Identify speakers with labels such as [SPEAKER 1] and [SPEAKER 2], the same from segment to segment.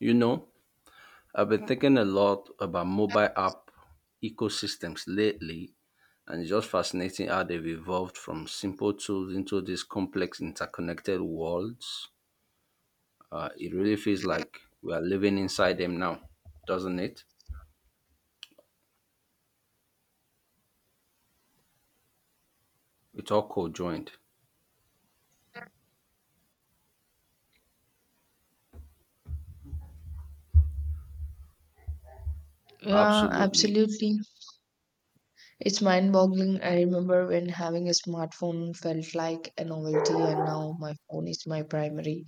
[SPEAKER 1] You know, I've been thinking a lot about mobile app ecosystems lately, and it's just fascinating how they've evolved from simple tools into these complex interconnected worlds. It really feels like we are living inside them now, doesn't it? It's all co-joined.
[SPEAKER 2] Yeah,
[SPEAKER 1] Absolutely.
[SPEAKER 2] absolutely. It's mind-boggling. I remember when having a smartphone felt like a novelty, and now my phone is my primary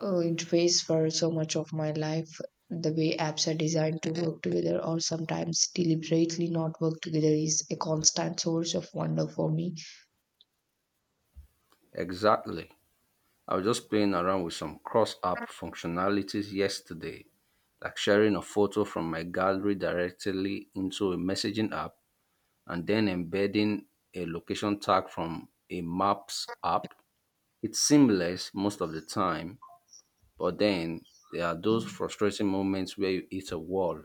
[SPEAKER 2] interface for so much of my life. The way apps are designed to work together or sometimes deliberately not work together is a constant source of wonder for me.
[SPEAKER 1] Exactly. I was just playing around with some cross-app functionalities yesterday, like sharing a photo from my gallery directly into a messaging app and then embedding a location tag from a maps app. It's seamless most of the time, but then there are those frustrating moments where you hit a wall.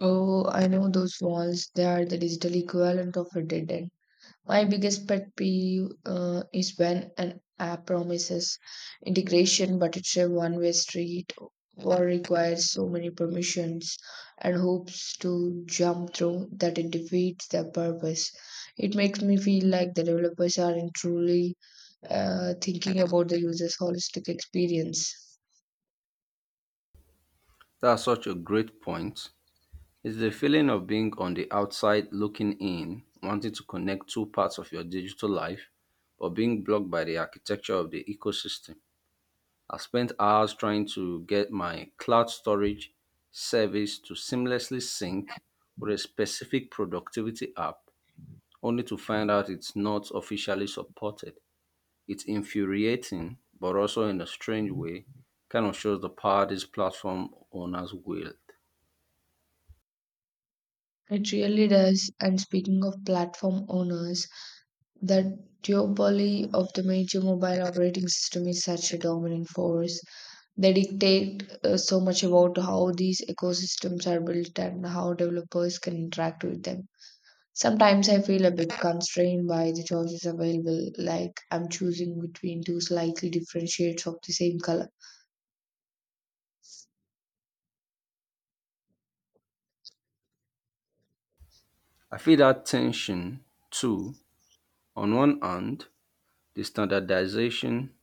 [SPEAKER 2] Oh, I know those walls. They are the digital equivalent of a dead end. My biggest pet peeve is when an app promises integration, but it's a one way street or requires so many permissions and hoops to jump through that it defeats their purpose. It makes me feel like the developers aren't truly thinking about the user's holistic experience.
[SPEAKER 1] That's such a great point. It's the feeling of being on the outside looking in, wanting to connect two parts of your digital life, but being blocked by the architecture of the ecosystem. I spent hours trying to get my cloud storage service to seamlessly sync with a specific productivity app, only to find out it's not officially supported. It's infuriating, but also in a strange way, kind of shows the power these platform owners wield.
[SPEAKER 2] It really does. And speaking of platform owners, the duopoly of the major mobile operating system is such a dominant force. They dictate so much about how these ecosystems are built and how developers can interact with them. Sometimes I feel a bit constrained by the choices available, like I'm choosing between two slightly different shades of the same color.
[SPEAKER 1] I feel that tension too. On one hand, the standardization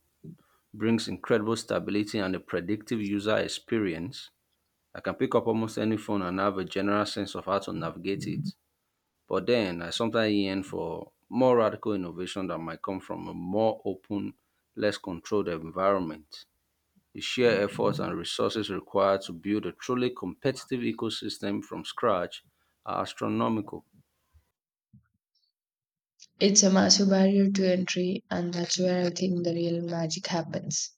[SPEAKER 1] brings incredible stability and a predictive user experience. I can pick up almost any phone and have a general sense of how to navigate it. But then I sometimes yearn for more radical innovation that might come from a more open, less controlled environment. The sheer effort and resources required to build a truly competitive ecosystem from scratch are astronomical.
[SPEAKER 2] It's a massive barrier to entry, and that's where I think the real magic happens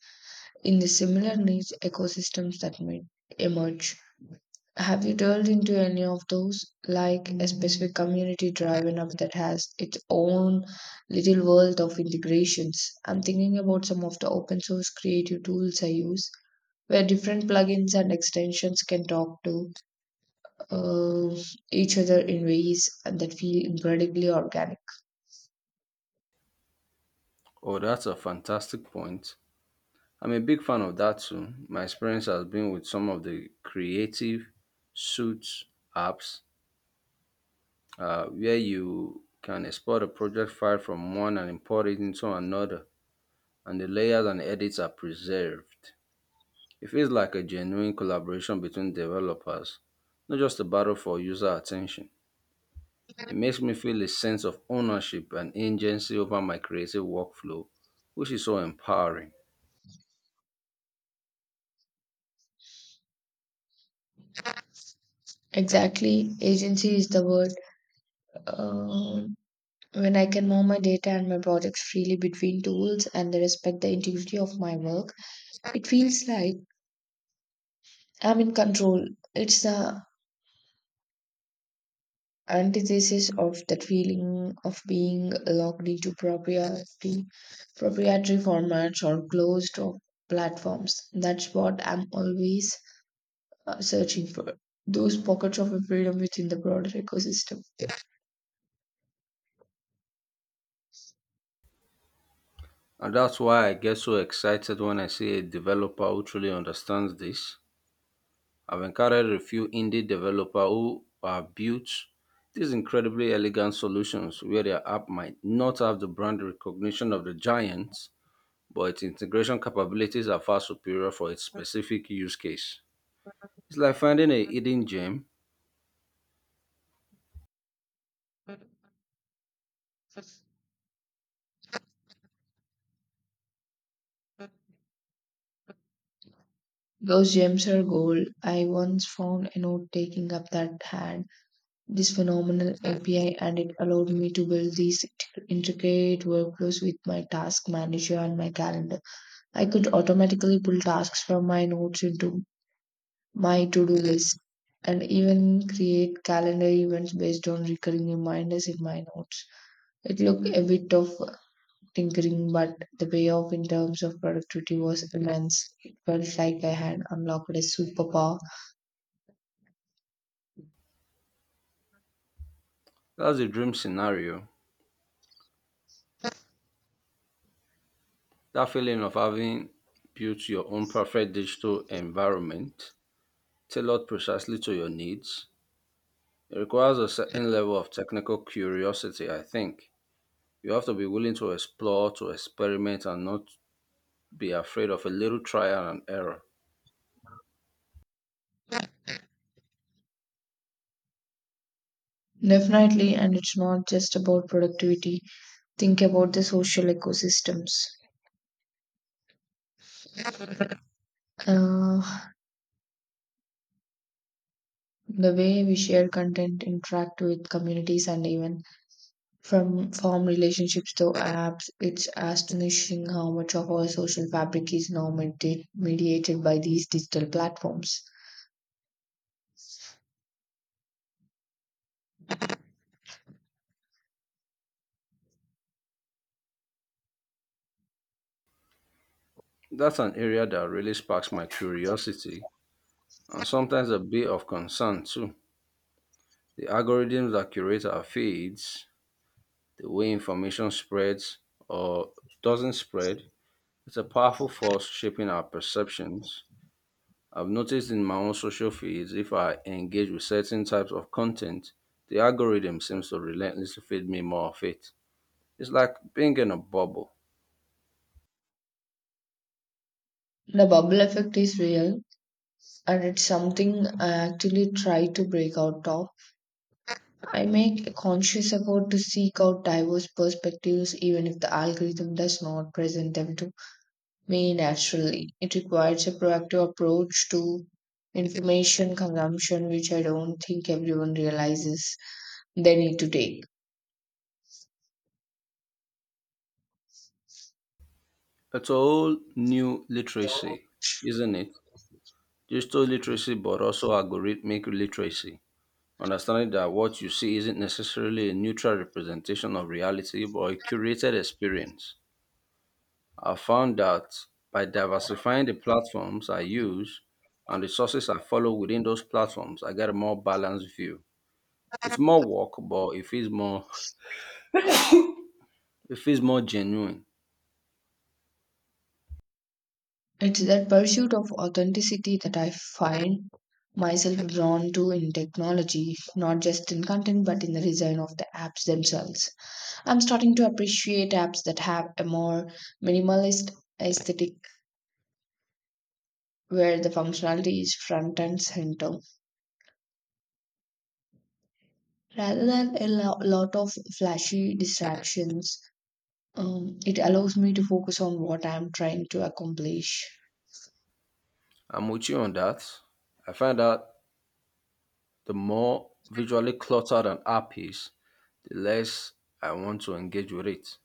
[SPEAKER 2] in the similar niche ecosystems that may emerge. Have you delved into any of those, like a specific community driven app that has its own little world of integrations? I'm thinking about some of the open source creative tools I use, where different plugins and extensions can talk to uh, each other in ways that feel incredibly organic.
[SPEAKER 1] Oh, that's a fantastic point. I'm a big fan of that too. My experience has been with some of the creative suits apps, where you can export a project file from one and import it into another, and the layers and edits are preserved. It feels like a genuine collaboration between developers, not just a battle for user attention. It makes me feel a sense of ownership and agency over my creative workflow, which is so empowering.
[SPEAKER 2] Exactly, agency is the word. Um when I can move my data and my projects freely between tools and respect the integrity of my work, it feels like I'm in control. It's the antithesis of that feeling of being locked into proprietary formats or closed or platforms. That's what I'm always searching for. Those pockets of freedom within the broader ecosystem.
[SPEAKER 1] And that's why I get so excited when I see a developer who truly understands this. I've encountered a few indie developers who have built these incredibly elegant solutions where their app might not have the brand recognition of the giants, but its integration capabilities are far superior for its specific use case. It's like finding a hidden gem.
[SPEAKER 2] Those gems are gold. I once found a note taking up that had this phenomenal API and it allowed me to build these intricate workflows with my task manager and my calendar. I could automatically pull tasks from my notes into my to do list and even create calendar events based on recurring reminders in my notes. It looked a bit of tinkering, but the payoff in terms of productivity was immense. It felt like I had unlocked a superpower.
[SPEAKER 1] That's the dream scenario. That feeling of having built your own perfect digital environment tailored precisely to your needs. It requires a certain level of technical curiosity, I think. You have to be willing to explore, to experiment, and not be afraid of a little trial and error.
[SPEAKER 2] Definitely, and it's not just about productivity, think about the social ecosystems. Uh, the way we share content, interact with communities, and even from farm relationships to apps, it's astonishing how much of our social fabric is now mediated by these digital platforms.
[SPEAKER 1] That's an area that really sparks my curiosity and sometimes a bit of concern too. The algorithms that curate our feeds, the way information spreads or doesn't spread, it's a powerful force shaping our perceptions. I've noticed in my own social feeds, if I engage with certain types of content, the algorithm seems to relentlessly feed me more of it. It's like being in a bubble.
[SPEAKER 2] The bubble effect is real and it's something I actually try to break out of. I make a conscious effort to seek out diverse perspectives even if the algorithm does not present them to me naturally. It requires a proactive approach to information consumption, which I don't think everyone realizes they need to take.
[SPEAKER 1] It's a whole new literacy, isn't it? Digital literacy, but also algorithmic literacy. Understanding that what you see isn't necessarily a neutral representation of reality, but a curated experience. I found that by diversifying the platforms I use and the sources I follow within those platforms, I get a more balanced view. It's more work, but it feels more genuine.
[SPEAKER 2] It's that pursuit of authenticity that I find myself drawn to in technology, not just in content, but in the design of the apps themselves. I'm starting to appreciate apps that have a more minimalist aesthetic where the functionality is front and center rather than a lot of flashy distractions. It allows me to focus on what I'm trying to accomplish.
[SPEAKER 1] I'm with you on that. I find that the more visually cluttered an app is, the less I want to engage with it.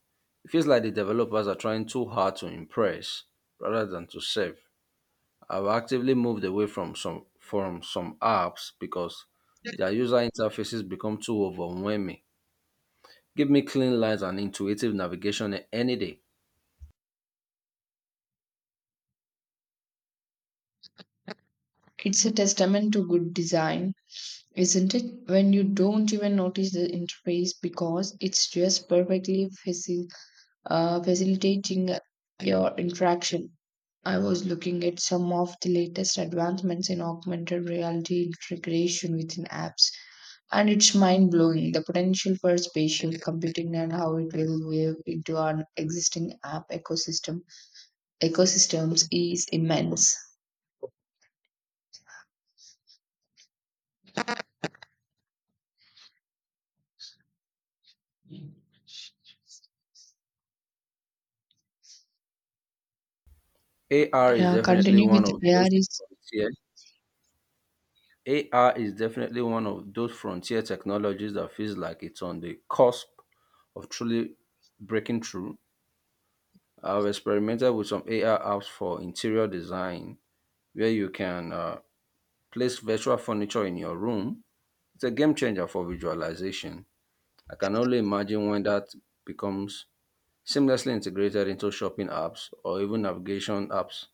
[SPEAKER 1] It feels like the developers are trying too hard to impress rather than to serve. I've actively moved away from some apps because their user interfaces become too overwhelming. Give me clean lines and intuitive navigation any day.
[SPEAKER 2] It's a testament to good design, isn't it? When you don't even notice the interface because it's just perfectly facilitating your interaction. I was looking at some of the latest advancements in augmented reality integration within apps, and it's mind blowing. The potential for spatial computing and how it will weave into our existing app ecosystem. Ecosystems is immense.
[SPEAKER 1] AR is
[SPEAKER 2] Yeah,
[SPEAKER 1] definitely
[SPEAKER 2] continue
[SPEAKER 1] one
[SPEAKER 2] with
[SPEAKER 1] of those
[SPEAKER 2] AR.
[SPEAKER 1] frontier. AR is definitely one of those frontier technologies that feels like it's on the cusp of truly breaking through. I've experimented with some AI apps for interior design where you can place virtual furniture in your room. It's a game changer for visualization. I can only imagine when that becomes seamlessly integrated into shopping apps or even navigation apps.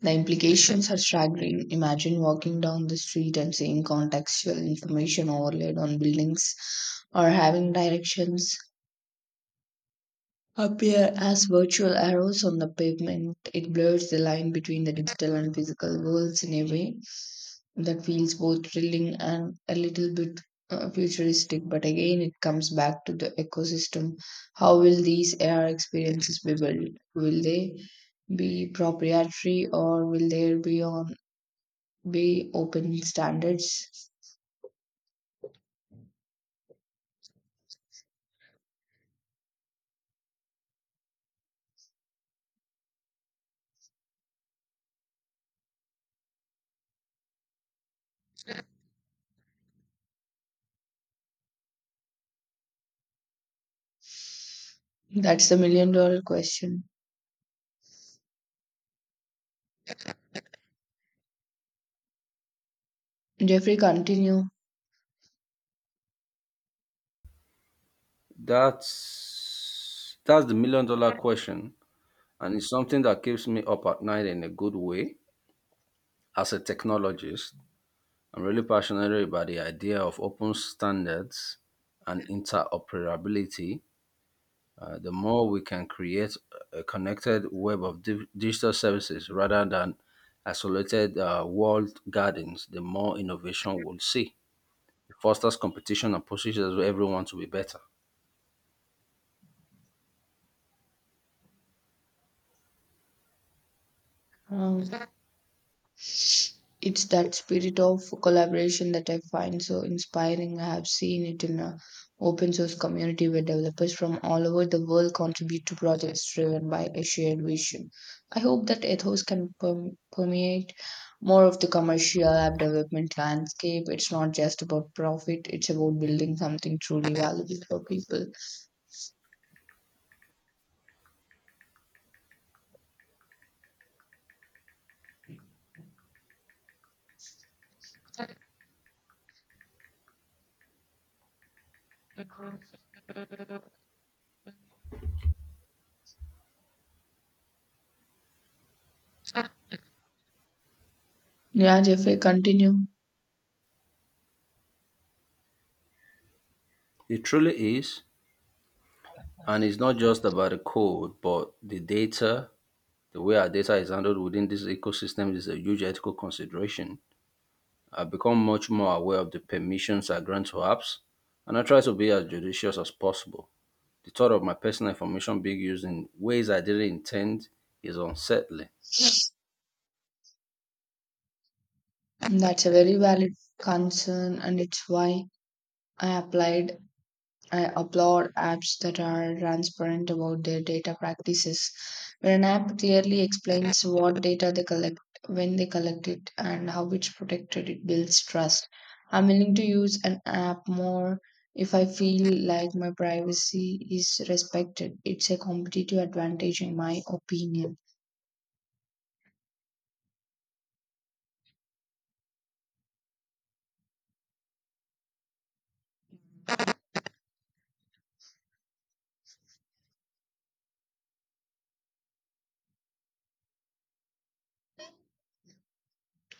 [SPEAKER 2] The implications are staggering. Imagine walking down the street and seeing contextual information overlaid on buildings or having directions appear as virtual arrows on the pavement. It blurs the line between the digital and physical worlds in a way that feels both thrilling and a little bit futuristic. But again, it comes back to the ecosystem. How will these AR experiences be built? Will they be proprietary or will there be on be open standards? That's the million dollar question. Jeffrey, continue.
[SPEAKER 1] That's the million dollar question, and it's something that keeps me up at night in a good way. As a technologist, I'm really passionate about the idea of open standards and interoperability. The more we can create a connected web of digital services rather than isolated, walled gardens, the more innovation we'll see. It fosters competition and pushes everyone to be better.
[SPEAKER 2] Um, it's that spirit of collaboration that I find so inspiring. I have seen it in a open source community where developers from all over the world contribute to projects driven by a shared vision. I hope that ethos can permeate more of the commercial app development landscape. It's not just about profit, it's about building something truly valuable for people. Yeah, Jeffrey, continue.
[SPEAKER 1] It truly is, and it's not just about the code, but the data. The way our data is handled within this ecosystem is a huge ethical consideration. I've become much more aware of the permissions I grant to apps, and I try to be as judicious as possible. The thought of my personal information being used in ways I didn't intend is unsettling.
[SPEAKER 2] That's a very valid concern, and it's why I applied. I applaud apps that are transparent about their data practices. When an app clearly explains what data they collect, when they collect it, and how it's protected, it builds trust. I'm willing to use an app more if I feel like my privacy is respected. It's a competitive advantage, in my opinion.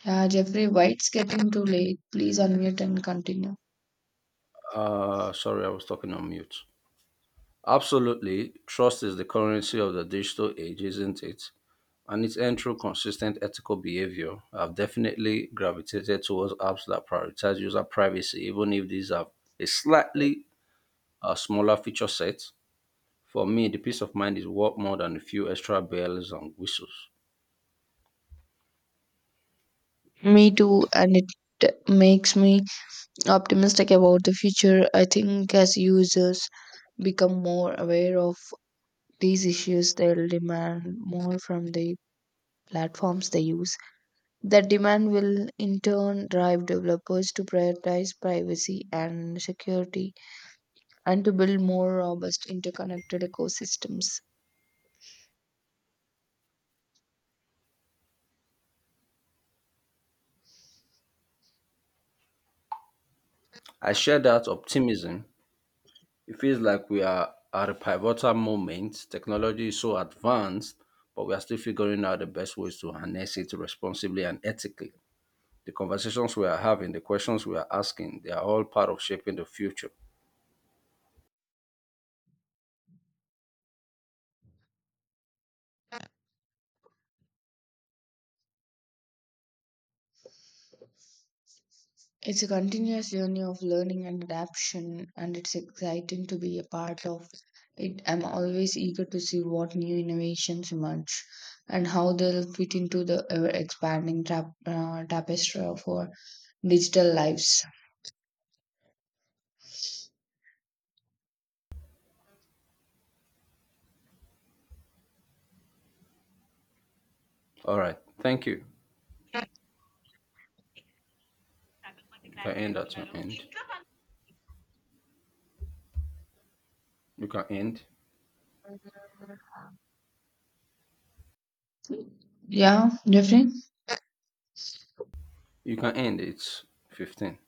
[SPEAKER 2] Yeah, Jeffrey, why it's getting too late? Please unmute and continue.
[SPEAKER 1] Sorry, I was talking on mute. Absolutely, trust is the currency of the digital age, isn't it? And it's and through consistent ethical behavior. I've definitely gravitated towards apps that prioritize user privacy, even if these have a slightly, smaller feature set. For me, the peace of mind is worth more than a few extra bells and whistles.
[SPEAKER 2] Me too, and it makes me optimistic about the future. I think as users become more aware of these issues, they'll demand more from the platforms they use. That demand will in turn drive developers to prioritize privacy and security and to build more robust interconnected ecosystems.
[SPEAKER 1] I share that optimism. It feels like we are at a pivotal moment. Technology is so advanced, but we are still figuring out the best ways to harness it responsibly and ethically. The conversations we are having, the questions we are asking, they are all part of shaping the future.
[SPEAKER 2] It's a continuous journey of learning and adaptation, and it's exciting to be a part of it. I'm always eager to see what new innovations emerge and how they'll fit into the ever expanding tapestry of our digital lives.
[SPEAKER 1] All right. Thank you. You can end at your end. You can end.
[SPEAKER 2] Yeah, Jeffrey?
[SPEAKER 1] You can end. It's 15.